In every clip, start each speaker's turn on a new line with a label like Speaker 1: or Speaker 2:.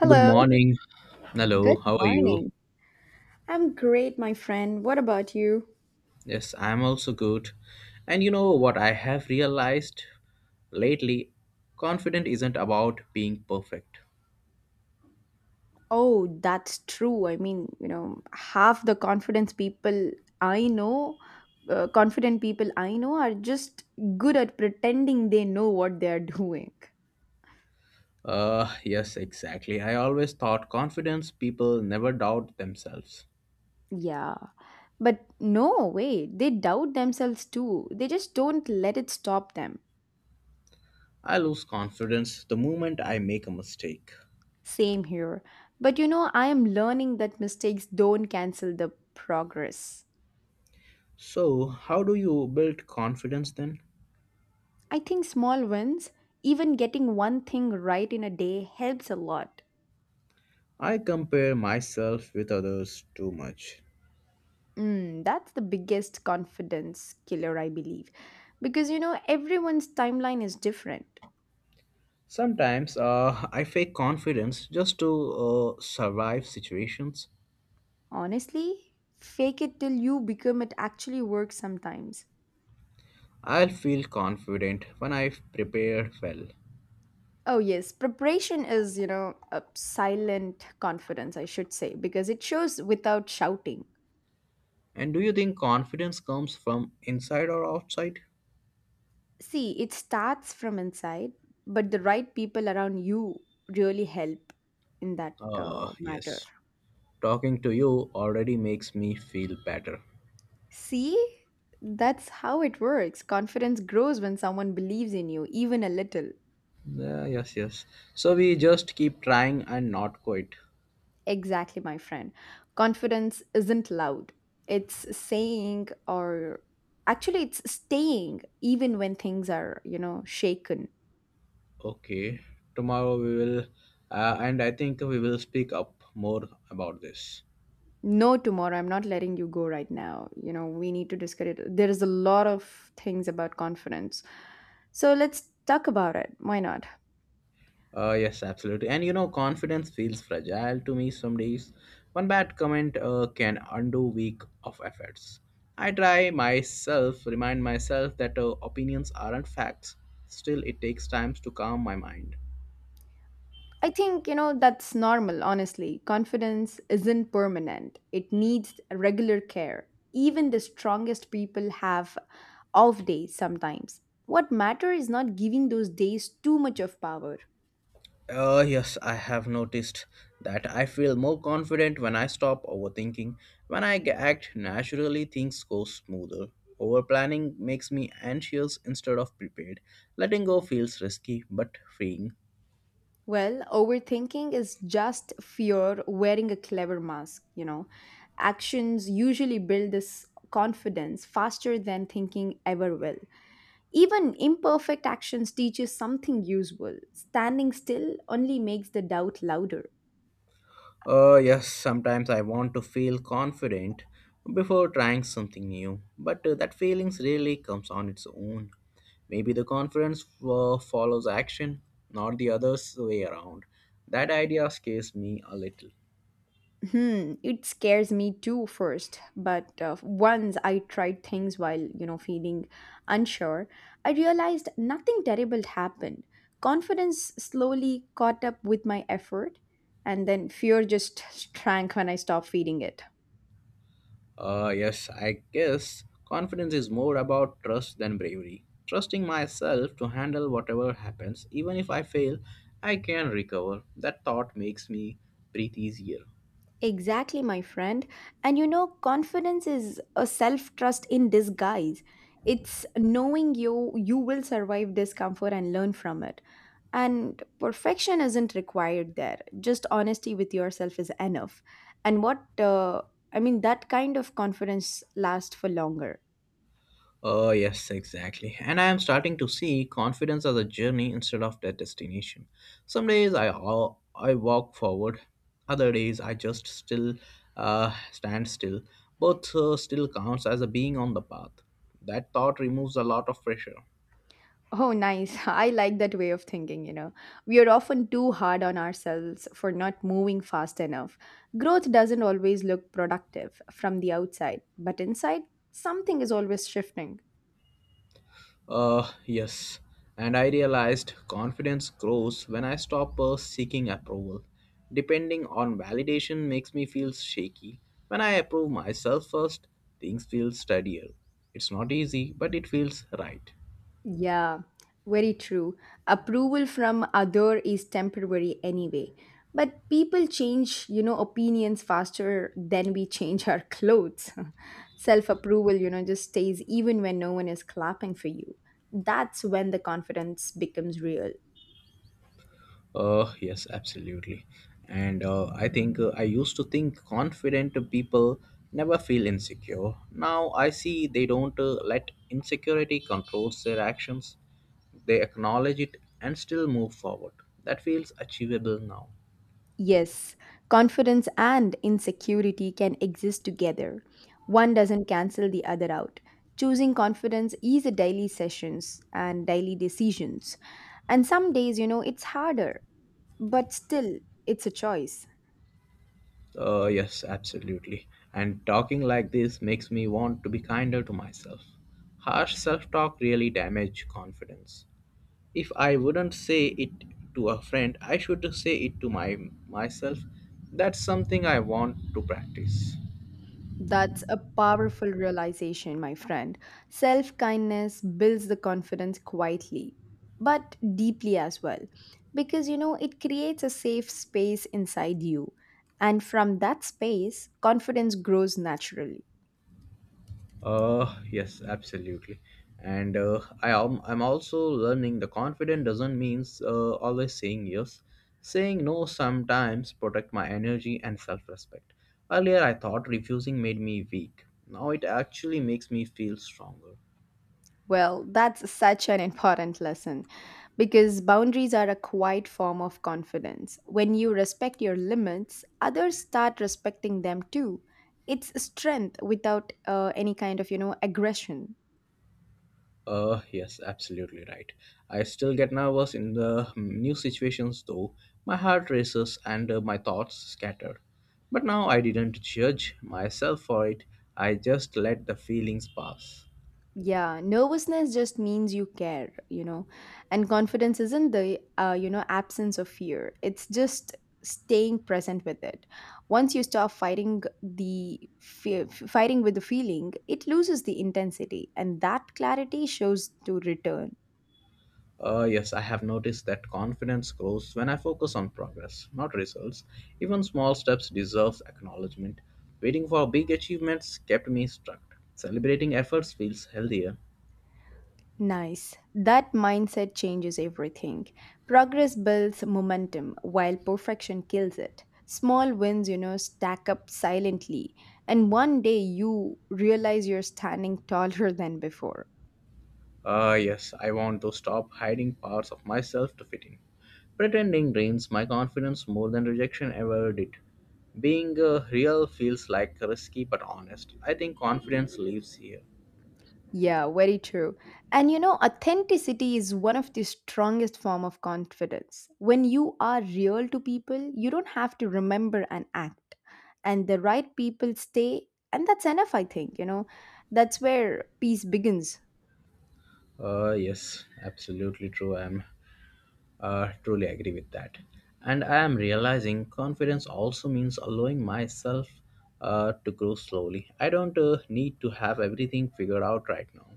Speaker 1: Good morning. Hello,
Speaker 2: good
Speaker 1: how are you?
Speaker 2: morning. I'm great, my friend. What about you?
Speaker 1: Yes, I'm also good. And you know what I have realized lately? Confident isn't about being perfect.
Speaker 2: Oh, that's true. Half the confidence people I know, confident people I know are just good at pretending they know what they are doing.
Speaker 1: Yes, exactly. I always thought confidence people never doubt themselves.
Speaker 2: Yeah. But no, wait, they doubt themselves too. They just don't let it stop them.
Speaker 1: I lose confidence the moment I make a mistake.
Speaker 2: Same here. But I am learning that mistakes don't cancel the progress.
Speaker 1: So, how do you build confidence then?
Speaker 2: I think small wins, even getting one thing right in a day, helps a lot.
Speaker 1: I compare myself with others too much.
Speaker 2: Mm, that's the biggest confidence killer, I believe. Because everyone's timeline is different.
Speaker 1: Sometimes I fake confidence just to survive situations.
Speaker 2: Honestly, fake it till you become it actually works sometimes.
Speaker 1: I'll feel confident when I've prepared well.
Speaker 2: Oh, yes, preparation is, a silent confidence, I should say, because it shows without shouting.
Speaker 1: And do you think confidence comes from inside or outside?
Speaker 2: See, it starts from inside, but the right people around you really help in that matter.
Speaker 1: Yes. Talking to you already makes me feel better.
Speaker 2: See, that's how it works. Confidence grows when someone believes in you, even a little.
Speaker 1: Yeah, yes, yes. So we just keep trying and not quit.
Speaker 2: Exactly, my friend. Confidence isn't loud, it's saying, or actually, it's staying even when things are, shaken.
Speaker 1: Okay. Tomorrow we will, and I think we will speak up more about this.
Speaker 2: No, tomorrow, I'm not letting you go right now. You know, we need to discuss it. There is a lot of things about confidence. So let's talk about it. Why not?
Speaker 1: Yes, absolutely. And you know, confidence feels fragile to me some days. One bad comment can undo week of efforts. I try myself, remind myself that opinions aren't facts. Still, it takes time to calm my mind.
Speaker 2: I think, that's normal, honestly. Confidence isn't permanent, it needs regular care. Even the strongest people have off days sometimes. What matters is not giving those days too much of power.
Speaker 1: Yes, I have noticed that I feel more confident when I stop overthinking. When I act naturally, things go smoother. Overplanning makes me anxious instead of prepared. Letting go feels risky but freeing.
Speaker 2: Well, overthinking is just fear wearing a clever mask, you know. Actions usually build this confidence faster than thinking ever will. Even imperfect actions teach us something useful. Standing still only makes the doubt louder.
Speaker 1: Yes, sometimes I want to feel confident before trying something new, but that feelings really comes on its own. Maybe the confidence follows action, not the other way around. That idea scares me a little.
Speaker 2: Hmm, it scares me too first, but once I tried things while, feeling unsure, I realized nothing terrible happened. Confidence slowly caught up with my effort, and then fear just shrank when I stopped feeding it.
Speaker 1: Yes, I guess confidence is more about trust than bravery. Trusting myself to handle whatever happens, even if I fail, I can recover. That thought makes me breathe easier.
Speaker 2: Exactly, my friend. And you know, confidence is a self trust in disguise. It's knowing you will survive discomfort and learn from it. And perfection isn't required there. Just honesty with yourself is enough. And that kind of confidence lasts for longer.
Speaker 1: Oh, yes, exactly. And I am starting to see confidence as a journey instead of the destination. Some days I walk forward, other days I just still stand still. Both still counts as a being on the path. That thought removes a lot of pressure.
Speaker 2: Oh, nice. I like that way of thinking, you know. We are often too hard on ourselves for not moving fast enough. Growth doesn't always look productive from the outside, but inside, something is always shifting.
Speaker 1: Yes. And I realized confidence grows when I stop seeking approval. Depending on validation makes me feel shaky. When I approve myself first, things feel steadier. It's not easy, but it feels right.
Speaker 2: Yeah, very true. Approval from other is temporary anyway. But people change, opinions faster than we change our clothes. Self-approval, just stays even when no one is clapping for you. That's when the confidence becomes real.
Speaker 1: Yes, absolutely. And I think I used to think confident people never feel insecure. Now I see they don't let insecurity controls their actions. They acknowledge it and still move forward. That feels achievable now.
Speaker 2: Yes, confidence and insecurity can exist together. One doesn't cancel the other out. Choosing confidence is a daily sessions and daily decisions. And some days, it's harder, but still it's a choice.
Speaker 1: Yes, absolutely. And talking like this makes me want to be kinder to myself. Harsh self talk really damages confidence. If I wouldn't say it to a friend, I should say it to my myself. That's something I want to practice.
Speaker 2: That's a powerful realization, my friend. Self kindness builds the confidence quietly, but deeply as well, because it creates a safe space inside you. And from that space, confidence grows naturally.
Speaker 1: Yes, absolutely. And I'm also learning the confident doesn't means always saying yes. Saying no sometimes protect my energy and self-respect. Earlier I thought refusing made me weak. Now it actually makes me feel stronger.
Speaker 2: Well, that's such an important lesson because boundaries are a quiet form of confidence. When you respect your limits, others start respecting them too. It's strength without any kind of, aggression.
Speaker 1: Yes, absolutely right. I still get nervous in the new situations though. My heart races and my thoughts scatter. But now I didn't judge myself for it. I just let the feelings pass.
Speaker 2: Yeah, nervousness just means you care, you know. And confidence isn't the absence of fear. It's just staying present with it. Once you stop fighting the fear, fighting with the feeling, it loses the intensity, and that clarity shows to return.
Speaker 1: Yes, I have noticed that confidence grows when I focus on progress, not results. Even small steps deserve acknowledgement. Waiting for big achievements kept me stuck. Celebrating efforts feels healthier.
Speaker 2: Nice. That mindset changes everything. Progress builds momentum while perfection kills it. Small wins, stack up silently. And one day you realize you're standing taller than before.
Speaker 1: Ah, yes, I want to stop hiding parts of myself to fit in. Pretending drains my confidence more than rejection ever did. Being real feels like risky but honest. I think confidence lives here.
Speaker 2: Yeah, very true. And you know, authenticity is one of the strongest form of confidence. When you are real to people, you don't have to remember and act. And the right people stay, and that's enough, I think, you know. That's where peace begins.
Speaker 1: Ah, yes, absolutely true. I am, truly agree with that. And I am realizing confidence also means allowing myself to grow slowly. I don't need to have everything figured out right now.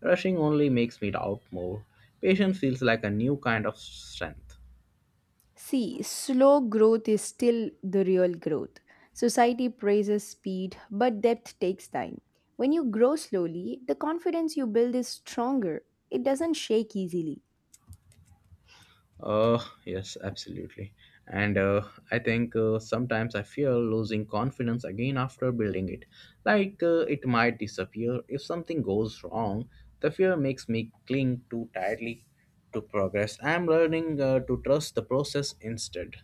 Speaker 1: Rushing only makes me doubt more. Patience feels like a new kind of strength.
Speaker 2: See, slow growth is still the real growth. Society praises speed, but depth takes time. When you grow slowly, the confidence you build is stronger. It doesn't shake easily.
Speaker 1: Uh, yes, absolutely. And I think sometimes I fear losing confidence again after building it. Like it might disappear if something goes wrong. The fear makes me cling too tightly to progress. I'm learning to trust the process instead.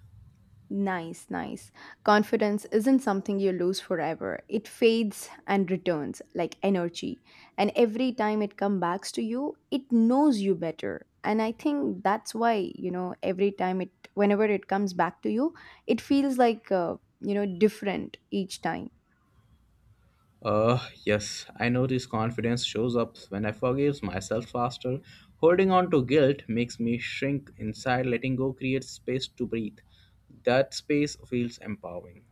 Speaker 2: Nice, nice. Confidence isn't something you lose forever. It fades and returns like energy. And every time it comes back to you, it knows you better. And I think that's why, every time it, whenever it comes back to you, it feels like, different each time.
Speaker 1: Uh, yes, I notice confidence shows up when I forgive myself faster. Holding on to guilt makes me shrink inside. Letting go creates space to breathe. That space feels empowering.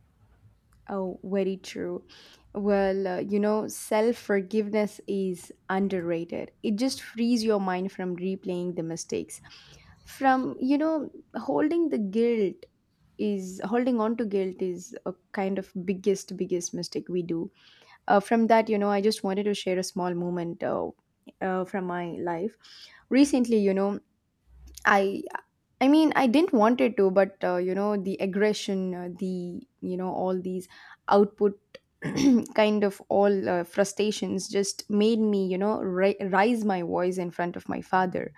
Speaker 2: Oh, very true. Well, self forgiveness is underrated. It just frees your mind from replaying the mistakes. From, holding the guilt holding on to guilt is a kind of biggest, biggest mistake we do. From that, I just wanted to share a small moment from my life. Recently, I I didn't want it to, but the aggression, the all these output kind of all frustrations just made me, rise my voice in front of my father.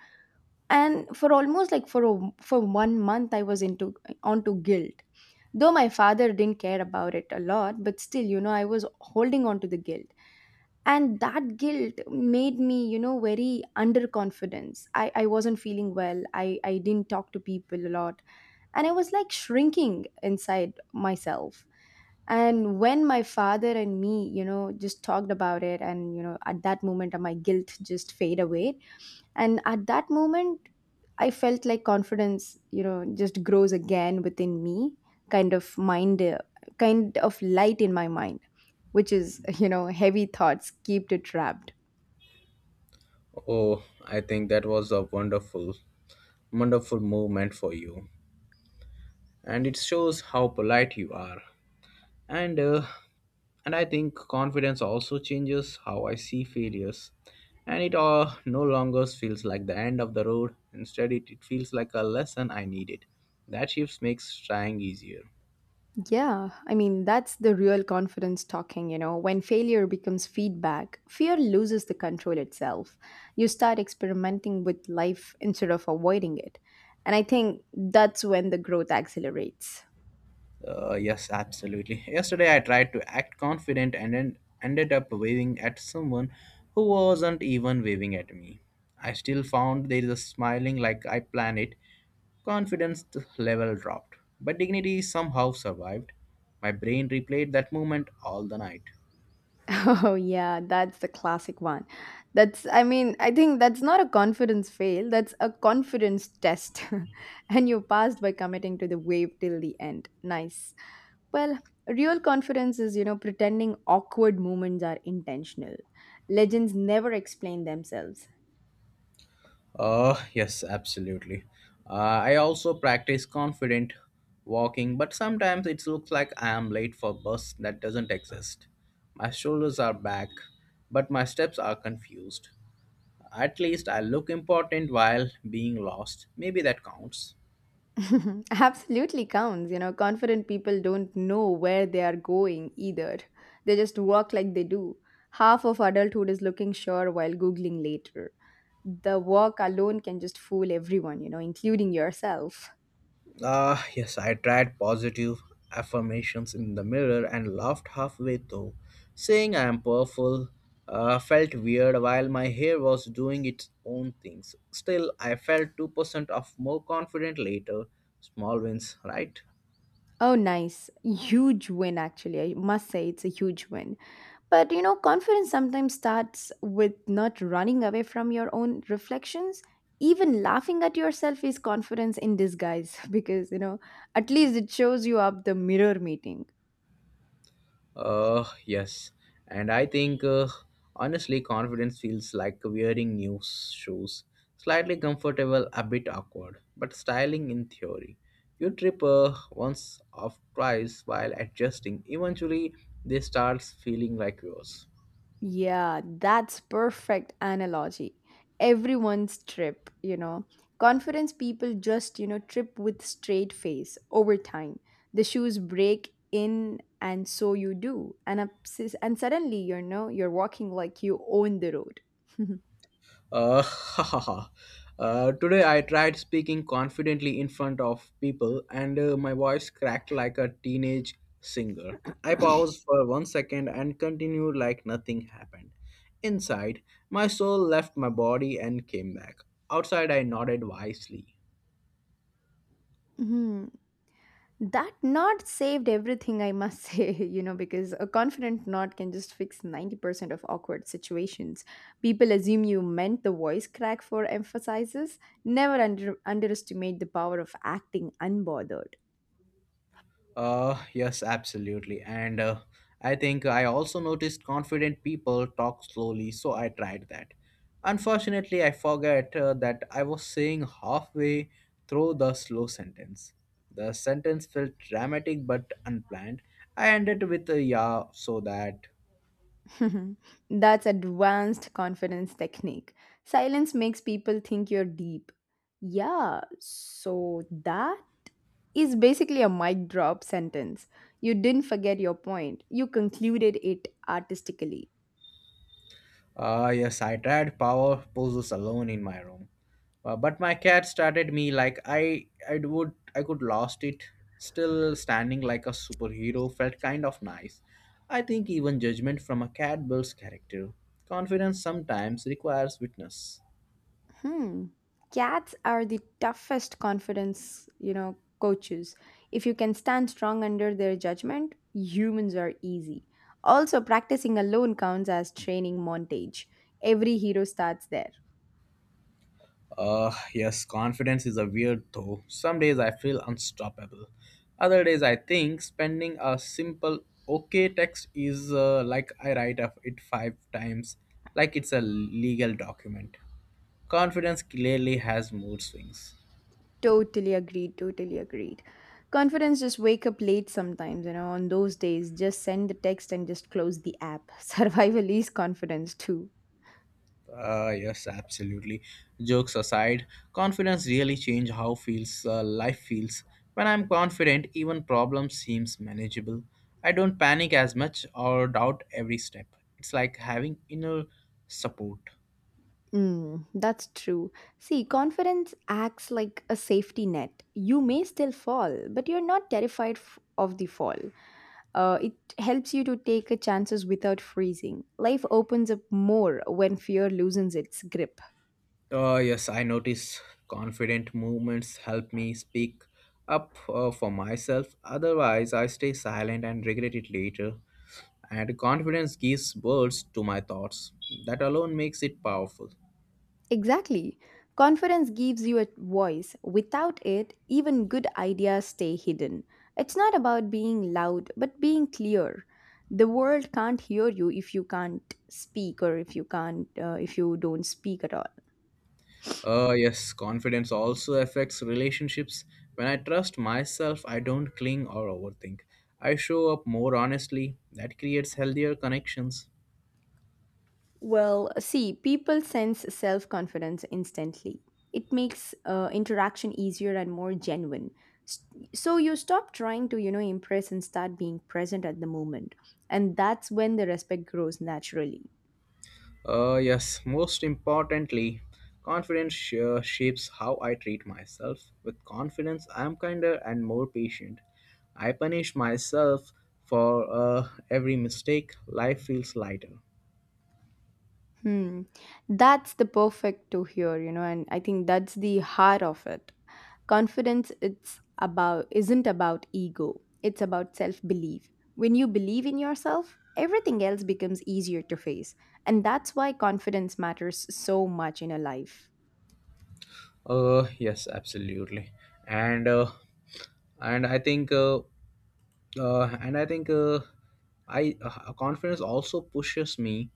Speaker 2: And for almost for 1 month, I was into onto guilt. Though my father didn't care about it a lot, but still, I was holding on to the guilt, and that guilt made me, very underconfidence. I wasn't feeling well. I didn't talk to people a lot, and I was like shrinking inside myself. And when my father and me, just talked about it, and at that moment, my guilt just fade away. And at that moment, I felt like confidence, just grows again within me, kind of mind, kind of light in my mind, which is, heavy thoughts keep it trapped.
Speaker 1: Oh, I think that was a wonderful, wonderful moment for you, and it shows how polite you are. And uh, and I think confidence also changes how I see failures, and it no longer feels like the end of the road. Instead, it feels like a lesson I needed. That shift makes trying easier.
Speaker 2: Yeah, I mean, that's the real confidence talking, you know. When failure becomes feedback, fear loses the control itself. You start experimenting with life instead of avoiding it. And I think that's when the growth accelerates.
Speaker 1: Yes, absolutely. Yesterday, I tried to act confident and then ended up waving at someone who wasn't even waving at me. I still found there is a smiling like I planned it. Confidence level dropped, but dignity somehow survived. My brain replayed that moment all the night.
Speaker 2: Oh yeah, that's the classic one. That's I think that's not a confidence fail, that's a confidence test. And you passed by committing to the wave till the end. Nice. Well, real confidence is, pretending awkward moments are intentional. Legends never explain themselves.
Speaker 1: Yes, absolutely. I also practice confident walking, but sometimes it looks like I am late for bus that doesn't exist. My shoulders are back, but my steps are confused. At least I look important while being lost. Maybe that counts.
Speaker 2: Absolutely counts. You know, confident people don't know where they are going either. They just work like they do. Half of adulthood is looking sure while Googling later. The work alone can just fool everyone, including yourself.
Speaker 1: Ah, yes, I tried positive affirmations in the mirror and laughed halfway through. Saying I am powerful felt weird while my hair was doing its own things. Still, I felt 2% of more confident later. Small wins, right?
Speaker 2: Oh, nice. Huge win, actually. I must say it's a huge win. But you know, confidence sometimes starts with not running away from your own reflections. Even laughing at yourself is confidence in disguise because at least it shows you up the mirror meeting.
Speaker 1: Yes. And I think, honestly, confidence feels like wearing new shoes. Slightly comfortable, a bit awkward, but styling in theory. You trip once or twice while adjusting. Eventually, they start feeling like yours.
Speaker 2: Yeah, that's perfect analogy. Everyone's trip, you know. Confidence people just, trip with straight face over time. The shoes break in and so you do. And suddenly, you're walking like you own the road.
Speaker 1: Ha ha ha. Today I tried speaking confidently in front of people and my voice cracked like a teenage singer. I paused for 1 second and continued like nothing happened. Inside, my soul left my body and came back. Outside, I nodded wisely.
Speaker 2: Mhm. That knot saved everything, I must say, because a confident knot can just fix 90% of awkward situations. People assume you meant the voice crack for emphasizes. Never underestimate the power of acting unbothered.
Speaker 1: Yes, absolutely. And I think I also noticed confident people talk slowly, so I tried that. Unfortunately, I forget that I was saying halfway through the slow sentence. The sentence felt dramatic but unplanned. I ended with a yeah, so that.
Speaker 2: That's advanced confidence technique. Silence makes people think you're deep. Yeah, so that is basically a mic drop sentence. You didn't forget your point, you concluded it artistically.
Speaker 1: Ah, yes, I tried power poses alone in my room. But my cat started me like I could lost it. Still standing like a superhero felt kind of nice. I think even judgment from a cat builds character. Confidence sometimes requires witness.
Speaker 2: Hmm. Cats are the toughest confidence, coaches. If you can stand strong under their judgment, humans are easy. Also, practicing alone counts as training montage. Every hero starts there.
Speaker 1: Yes, confidence is a weird though. Some days I feel unstoppable. Other days I think spending a simple okay text is like I write up it five times like it's a legal document. Confidence clearly has mood swings.
Speaker 2: Totally agreed, totally agreed. Confidence just wake up late sometimes, on those days, just send the text and just close the app. Survival is confidence too.
Speaker 1: Yes, absolutely. Jokes aside, confidence really change how feels life feels. When I'm confident, even problem seems manageable. I don't panic as much or doubt every step. It's like having inner support.
Speaker 2: Mm, that's true. See, confidence acts like a safety net. You may still fall, but you're not terrified of the fall. It helps you to take a chances without freezing. Life opens up more when fear loosens its grip.
Speaker 1: Yes, I notice confident movements help me speak up for myself. Otherwise, I stay silent and regret it later. And confidence gives words to my thoughts. That alone makes it powerful.
Speaker 2: Exactly. Confidence gives you a voice. Without it, even good ideas stay hidden. It's not about being loud, but being clear. The world can't hear you if you can't speak, or if you can't if you don't speak at all.
Speaker 1: Yes, confidence also affects relationships. When I trust myself, I don't cling or overthink. I show up more honestly. That creates healthier connections.
Speaker 2: Well, see, people sense self-confidence instantly. It makes interaction easier and more genuine. S- So you stop trying to, impress and start being present at the moment. And that's when the respect grows naturally.
Speaker 1: Yes, most importantly, confidence shapes how I treat myself. With confidence, I am kinder and more patient. I punish myself for every mistake. Life feels lighter.
Speaker 2: Hmm. That's the perfect to hear, and I think that's the heart of it. Confidence it's about isn't about ego. It's about self-belief. When you believe in yourself, everything else becomes easier to face. And that's why confidence matters so much in a life.
Speaker 1: Yes, absolutely. And uh, and I think. And I think I confidence also pushes me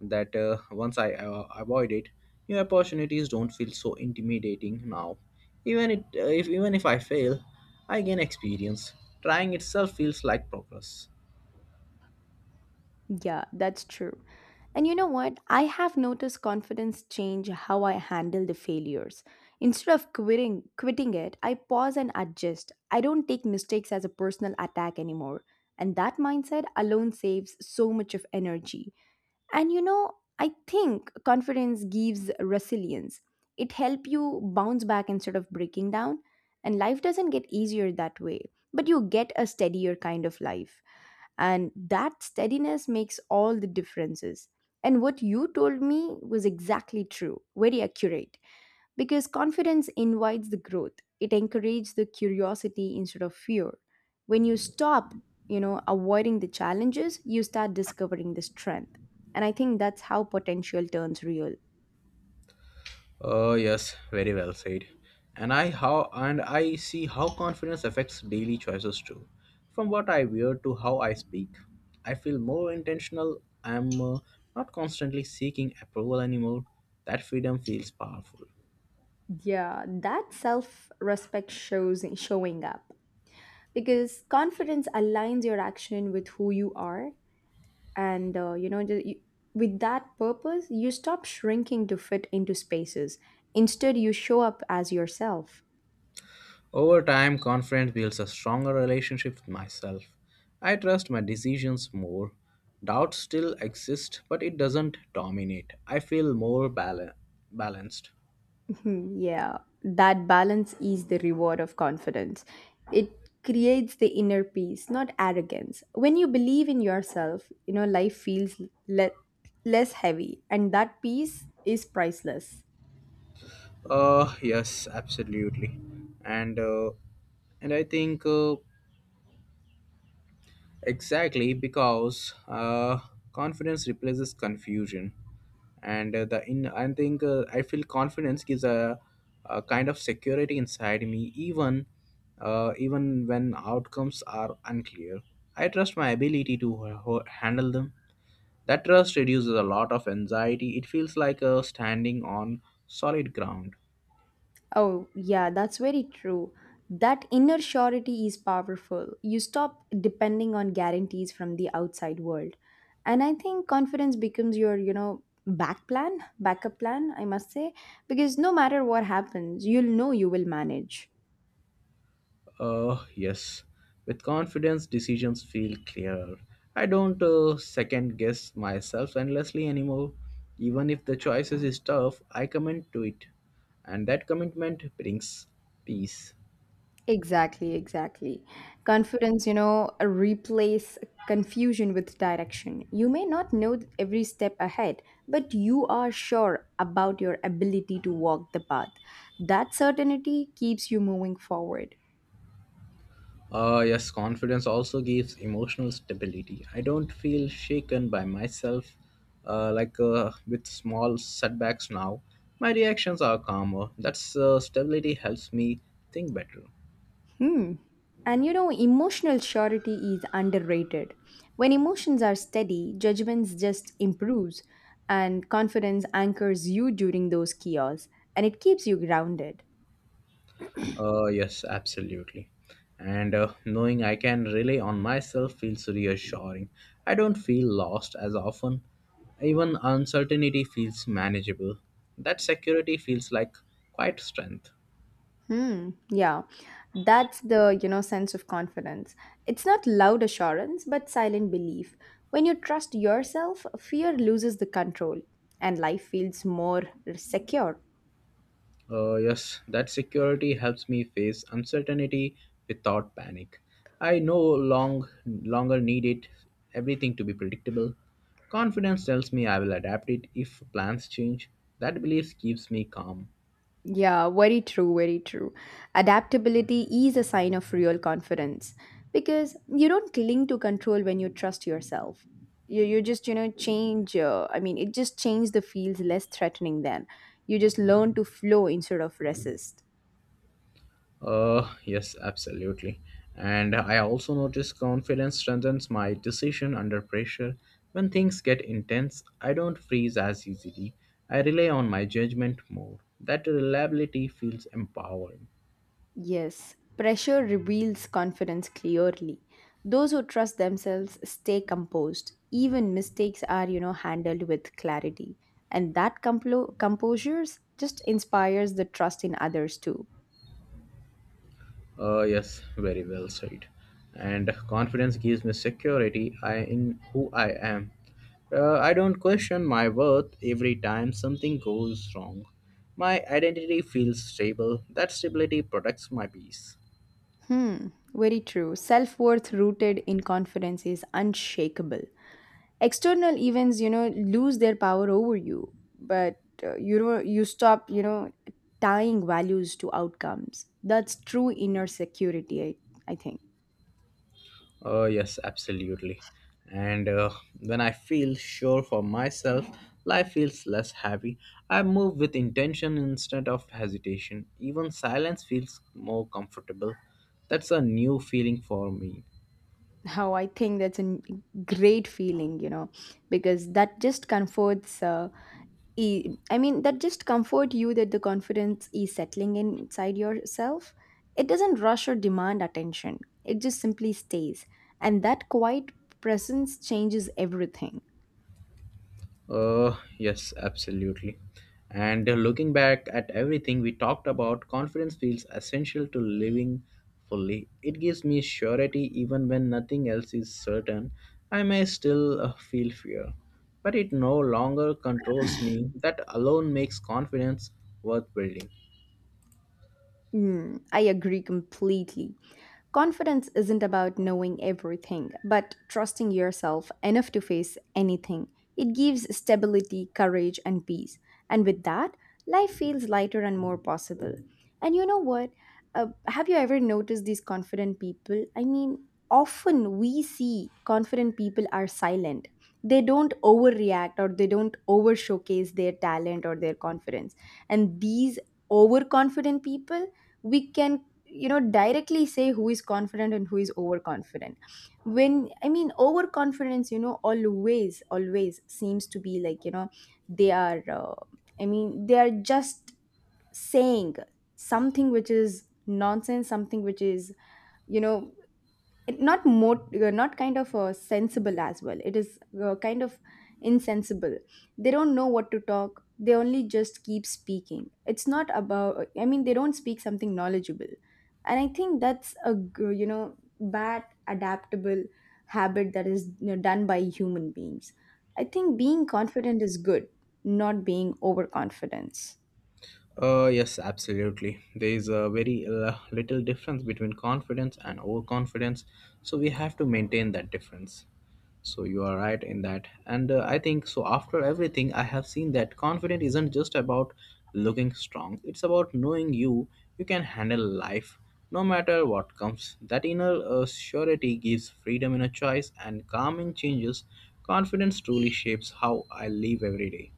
Speaker 1: that once I avoid it. New opportunities don't feel so intimidating now. Even it if even if I fail, I gain experience. Trying itself feels like progress.
Speaker 2: Yeah, that's true. And you know what? I have noticed confidence change how I handle the failures. Instead of quitting it, I pause and adjust. I don't take mistakes as a personal attack anymore. And that mindset alone saves so much of energy. And you know, I think confidence gives resilience. It helps you bounce back instead of breaking down. And life doesn't get easier that way, but you get a steadier kind of life, and that steadiness makes all the differences. And what you told me was exactly true, very accurate, because confidence invites the growth. It encourages the curiosity instead of fear. When you stop, you know, avoiding the challenges, you start discovering the strength. And I think that's how potential turns real.
Speaker 1: Oh yes, very well said. And I see how confidence affects daily choices too. From what I wear to how I speak, I feel more intentional. I'm not constantly seeking approval anymore. That freedom feels powerful.
Speaker 2: Yeah, that self respect shows in showing up, because confidence aligns your action with who you are. And you know you, with that purpose you stop shrinking to fit into spaces. Instead you show up as yourself.
Speaker 1: Over time, confidence builds a stronger relationship with myself. I trust my decisions more. Doubt still exists, but it doesn't dominate. I feel more balanced.
Speaker 2: Yeah, that balance is the reward of confidence. It creates the inner peace, not arrogance. When you believe in yourself, you know, life feels le- less heavy, and that peace is priceless.
Speaker 1: Yes, absolutely, and uh, and I think exactly because confidence replaces confusion, and the in I think I feel confidence gives a kind of security inside me, even even when outcomes are unclear. I trust my ability to handle them. That trust reduces a lot of anxiety. It feels like standing on solid ground.
Speaker 2: Oh, yeah, that's very true. That inner surety is powerful. You stop depending on guarantees from the outside world. And I think confidence becomes your, you know, back plan, backup plan, I must say, because no matter what happens, you'll know you will manage.
Speaker 1: Yes. With confidence, decisions feel clearer. I don't second guess myself endlessly anymore. Even if the choices is tough, I commit to it, and that commitment brings peace.
Speaker 2: Exactly, exactly. Confidence, you know, replace confusion with direction. You may not know every step ahead, but you are sure about your ability to walk the path. That certainty keeps you moving forward.
Speaker 1: Yes, confidence also gives emotional stability. I don't feel shaken by myself. Like, with small setbacks now, my reactions are calmer. That's stability helps me think better.
Speaker 2: Hmm. And you know, emotional surety is underrated. When emotions are steady, judgments just improves, and confidence anchors you during those chaos, and it keeps you grounded.
Speaker 1: Yes, absolutely. And knowing I can rely on myself feels reassuring. I don't feel lost as often. Even uncertainty feels manageable. That security feels like quite strength.
Speaker 2: Hmm, yeah. That's the, you know, sense of confidence. It's not loud assurance, but silent belief. When you trust yourself, fear loses the control and life feels more secure.
Speaker 1: Yes, that security helps me face uncertainty without panic. I no longer need it everything to be predictable. Confidence tells me I will adapt it if plans change. That belief keeps me calm.
Speaker 2: Yeah, very true, very true. Adaptability is a sign of real confidence, because you don't cling to control when you trust yourself. You just, you know, change. I mean, it just changes the feels less threatening then. You just learn to flow instead of resist.
Speaker 1: Yes, absolutely. And I also notice confidence strengthens my decision under pressure. When things get intense, I don't freeze as easily. I rely on my judgment more. That reliability feels empowering.
Speaker 2: Yes, pressure reveals confidence clearly. Those who trust themselves stay composed. Even mistakes are, you know, handled with clarity. And that composure just inspires the trust in others too.
Speaker 1: Yes, very well said. And confidence gives me security I in who I am. I don't question my worth every time something goes wrong. My identity feels stable. That stability protects my peace.
Speaker 2: Hmm, very true. Self worth rooted in confidence is unshakable. External events, you know, lose their power over you, but you know, you stop, you know, tying values to outcomes. That's true inner security, I think.
Speaker 1: Oh, yes, absolutely. And when I feel sure for myself, life feels less heavy. I move with intention instead of hesitation. Even silence feels more comfortable. That's a new feeling for me.
Speaker 2: How I think that's a great feeling, you know, because that just comforts. I mean, that just comfort you that the confidence is settling inside yourself. It doesn't rush or demand attention. It just simply stays, and that quiet presence changes everything.
Speaker 1: Yes, absolutely. And looking back at everything we talked about, confidence feels essential to living fully. It gives me surety even when nothing else is certain. I may still feel fear, but it no longer controls me. That alone makes confidence worth building.
Speaker 2: Mm, I agree completely. Confidence isn't about knowing everything, but trusting yourself enough to face anything. It gives stability, courage, and peace. And with that, life feels lighter and more possible. And you know what? Have you ever noticed these confident people? I mean, often we see confident people are silent. They don't overreact or they don't over showcase their talent or their confidence. And these overconfident people, we can, you know, directly say who is confident and who is overconfident. When I mean overconfidence, you know, always seems to be like, you know, they are I mean, they are just saying something which is nonsense, something which is, you know, not more, not kind of sensible as well. It is kind of insensible. They don't know what to talk. They only just keep speaking. It's not about, I mean, they don't speak something knowledgeable. And I think that's a you know, bad adaptable habit, that is, you know, done by human beings. I think being confident is good, not being overconfidence.
Speaker 1: Yes, absolutely. There is a very little difference between confidence and overconfidence, so we have to maintain that difference. So you are right in that, and I think so. After everything, I have seen that confidence isn't just about looking strong; it's about knowing you. You can handle life, no matter what comes. That inner surety gives freedom in a choice and calm in changes. Confidence truly shapes how I live every day.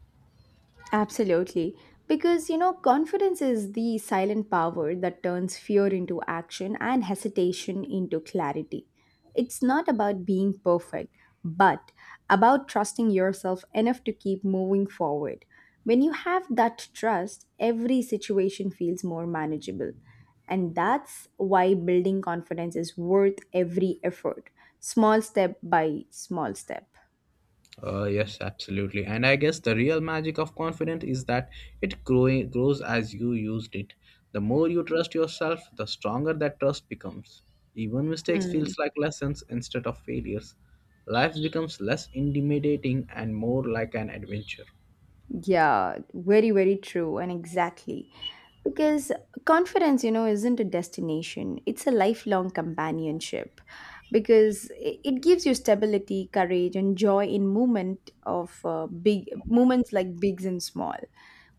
Speaker 2: Absolutely. Because, you know, confidence is the silent power that turns fear into action and hesitation into clarity. It's not about being perfect, but about trusting yourself enough to keep moving forward. When you have that trust, every situation feels more manageable. And that's why building confidence is worth every effort, small step by small step.
Speaker 1: Yes, absolutely. And I guess the real magic of confidence is that it growing grows as you used it. The more you trust yourself, the stronger that trust becomes. Even mistakes
Speaker 2: Hmm.
Speaker 1: feels like lessons instead of failures. Life becomes less intimidating and more like an adventure.
Speaker 2: Yeah, very, very true, and exactly. Because confidence, you know, isn't a destination, it's a lifelong companionship. Because it gives you stability, courage, and joy in movement of big moments like bigs and small.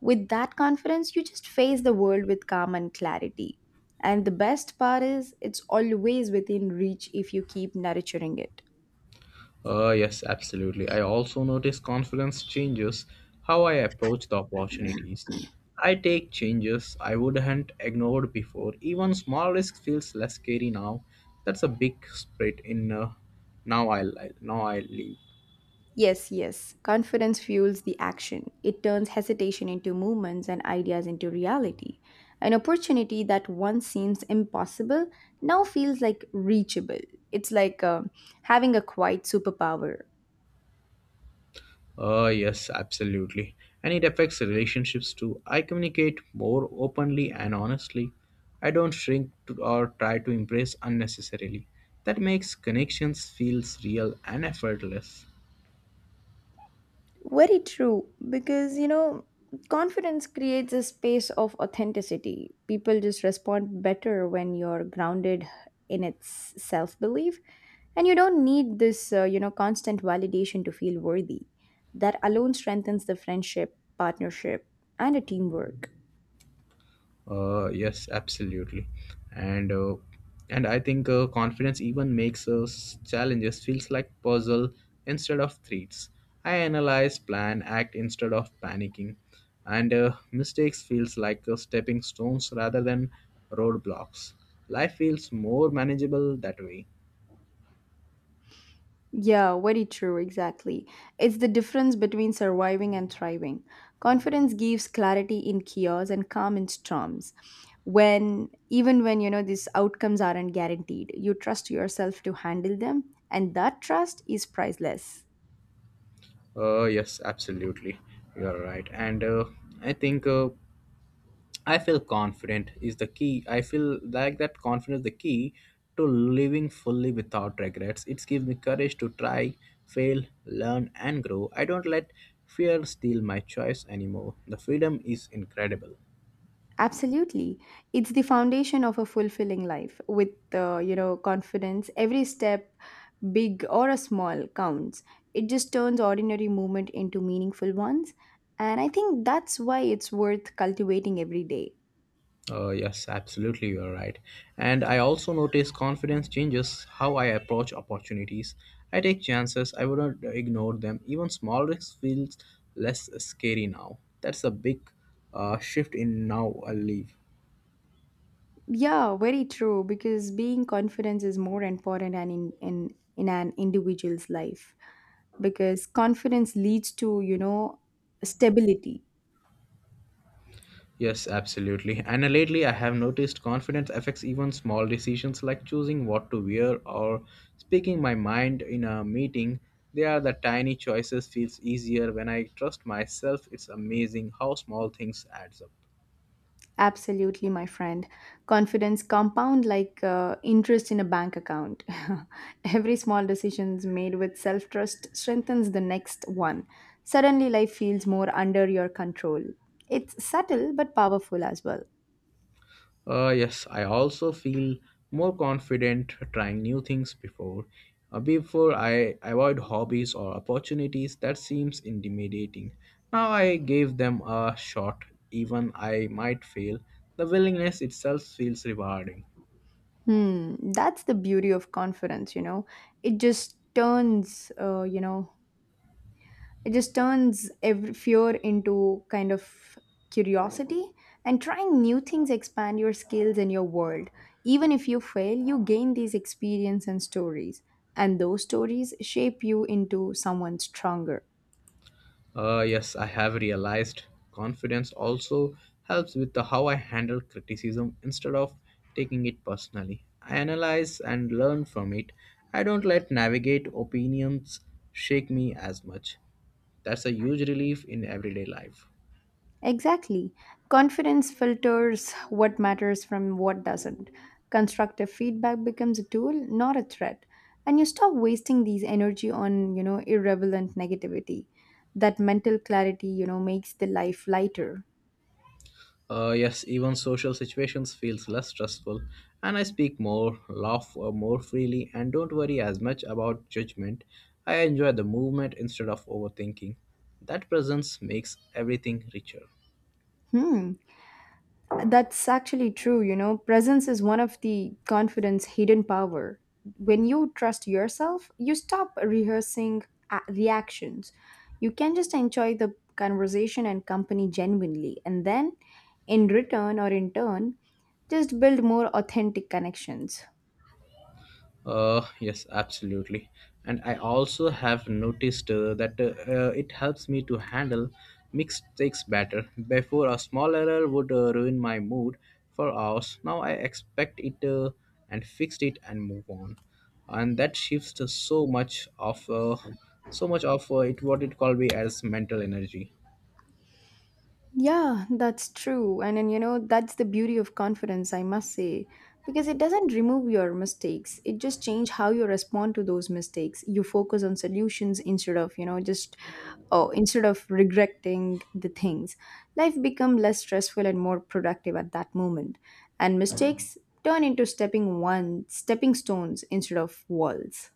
Speaker 2: With that confidence, you just face the world with calm and clarity. And the best part is, it's always within reach if you keep nurturing it.
Speaker 1: Yes, absolutely. I also notice confidence changes how I approach the opportunities. I take changes I wouldn't ignored before. Even small risk feels less scary now. That's a big spread in now I leave.
Speaker 2: Yes, yes. Confidence fuels the action. It turns hesitation into movements and ideas into reality. An opportunity that once seems impossible now feels like reachable. It's like having a quiet superpower.
Speaker 1: Yes, absolutely. And it affects relationships too. I communicate more openly and honestly. I don't shrink to or try to impress unnecessarily. That makes connections feels real and effortless.
Speaker 2: Very true, because you know, confidence creates a space of authenticity. People just respond better when you're grounded in its self belief, and you don't need this, you know, constant validation to feel worthy. That alone strengthens the friendship, partnership, and a teamwork.
Speaker 1: Yes, absolutely, and uh, and I think confidence even makes us challenges feels like puzzle instead of threats. I analyze, plan, act instead of panicking, and mistakes feels like stepping stones rather than roadblocks. Life feels more manageable that way.
Speaker 2: Yeah, very true, exactly. It's the difference between surviving and thriving. Confidence gives clarity in chaos and calm in storms. When Even when you know these outcomes aren't guaranteed, you trust yourself to handle them, and that trust is priceless.
Speaker 1: Yes, absolutely, you are right, and I think. I feel confident is the key. I feel like that confidence is the key to living fully without regrets. It gives me courage to try, fail, learn, and grow. I don't let fear steal my choice anymore. The freedom is incredible.
Speaker 2: Absolutely. It's the foundation of a fulfilling life. With you know, confidence, every step, big or a small, counts. It just turns ordinary movement into meaningful ones. And I think that's why it's worth cultivating every day.
Speaker 1: Yes, absolutely, you are right. And I also notice confidence changes how I approach opportunities. I take chances, I would not ignore them. Even small risks feels less scary now. That's a big shift in now I live.
Speaker 2: Yeah, very true, because being confident is more important and in an individual's life. Because confidence leads to, you know, stability.
Speaker 1: Yes, absolutely. And lately, I have noticed confidence affects even small decisions like choosing what to wear or speaking my mind in a meeting. They are the tiny choices feels easier when I trust myself. It's amazing how small things adds up.
Speaker 2: Absolutely, my friend. Confidence compound like interest in a bank account. Every small decisions made with self-trust strengthens the next one. Suddenly, life feels more under your control. It's subtle but powerful as well.
Speaker 1: Yes, I also feel more confident trying new things before. Before I avoid hobbies or opportunities that seems intimidating. Now I gave them a shot, even I might fail. The willingness itself feels rewarding.
Speaker 2: Hmm, that's the beauty of confidence. You know, it just turns. Uh, you know, It just turns every fear into kind of curiosity, and trying new things expand your skills and your world. Even if you fail, you gain these experience and stories, and those stories shape you into someone stronger.
Speaker 1: Yes, I have realized confidence also helps with the how I handle criticism instead of taking it personally. I analyze and learn from it. I don't let navigate opinions shake me as much. That's a huge relief in everyday life.
Speaker 2: Exactly. Confidence filters what matters from what doesn't. Constructive feedback becomes a tool, not a threat. And you stop wasting these energy on, you know, irrelevant negativity. That mental clarity, you know, makes the life lighter.
Speaker 1: Yes, even social situations feels less stressful, and I speak more, laugh more freely, and don't worry as much about judgment. I enjoy the movement instead of overthinking. That presence makes everything richer.
Speaker 2: Hmm. That's actually true, you know. Presence is one of the confidence hidden power. When you trust yourself, you stop rehearsing reactions. You can just enjoy the conversation and company genuinely, and then in return or in turn just build more authentic connections.
Speaker 1: Yes, absolutely. And I also have noticed that it helps me to handle mixed takes better. Before, a small error would ruin my mood for hours. Now I expect it and fixed it and move on. And that shifts so much of it what it called me as mental energy.
Speaker 2: Yeah, that's true. And then, you know, that's the beauty of confidence, I must say, because it doesn't remove your mistakes. It just change how you respond to those mistakes. You focus on solutions instead of, you know, instead of regretting the things. Life become less stressful and more productive at that moment. And mistakes turn into stepping stones instead of walls.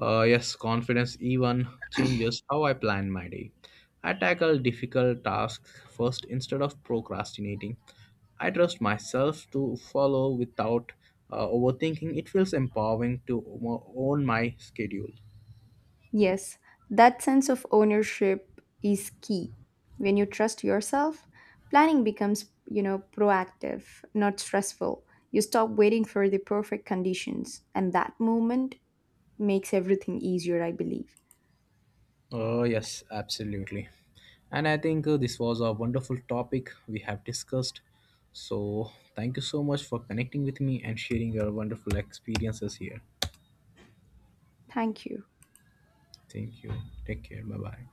Speaker 1: Yes, confidence even changes how I plan my day. I tackle difficult tasks first instead of procrastinating. I trust myself to follow without overthinking. It feels empowering to own my schedule.
Speaker 2: Yes, that sense of ownership is key. When you trust yourself, planning becomes, you know, proactive, not stressful. You stop waiting for the perfect conditions, and that moment makes everything easier, I believe.
Speaker 1: Oh, yes, absolutely. And I think this was a wonderful topic we have discussed. So, thank you so much for connecting with me and sharing your wonderful experiences here.
Speaker 2: Thank you.
Speaker 1: Thank you. Take care. Bye bye.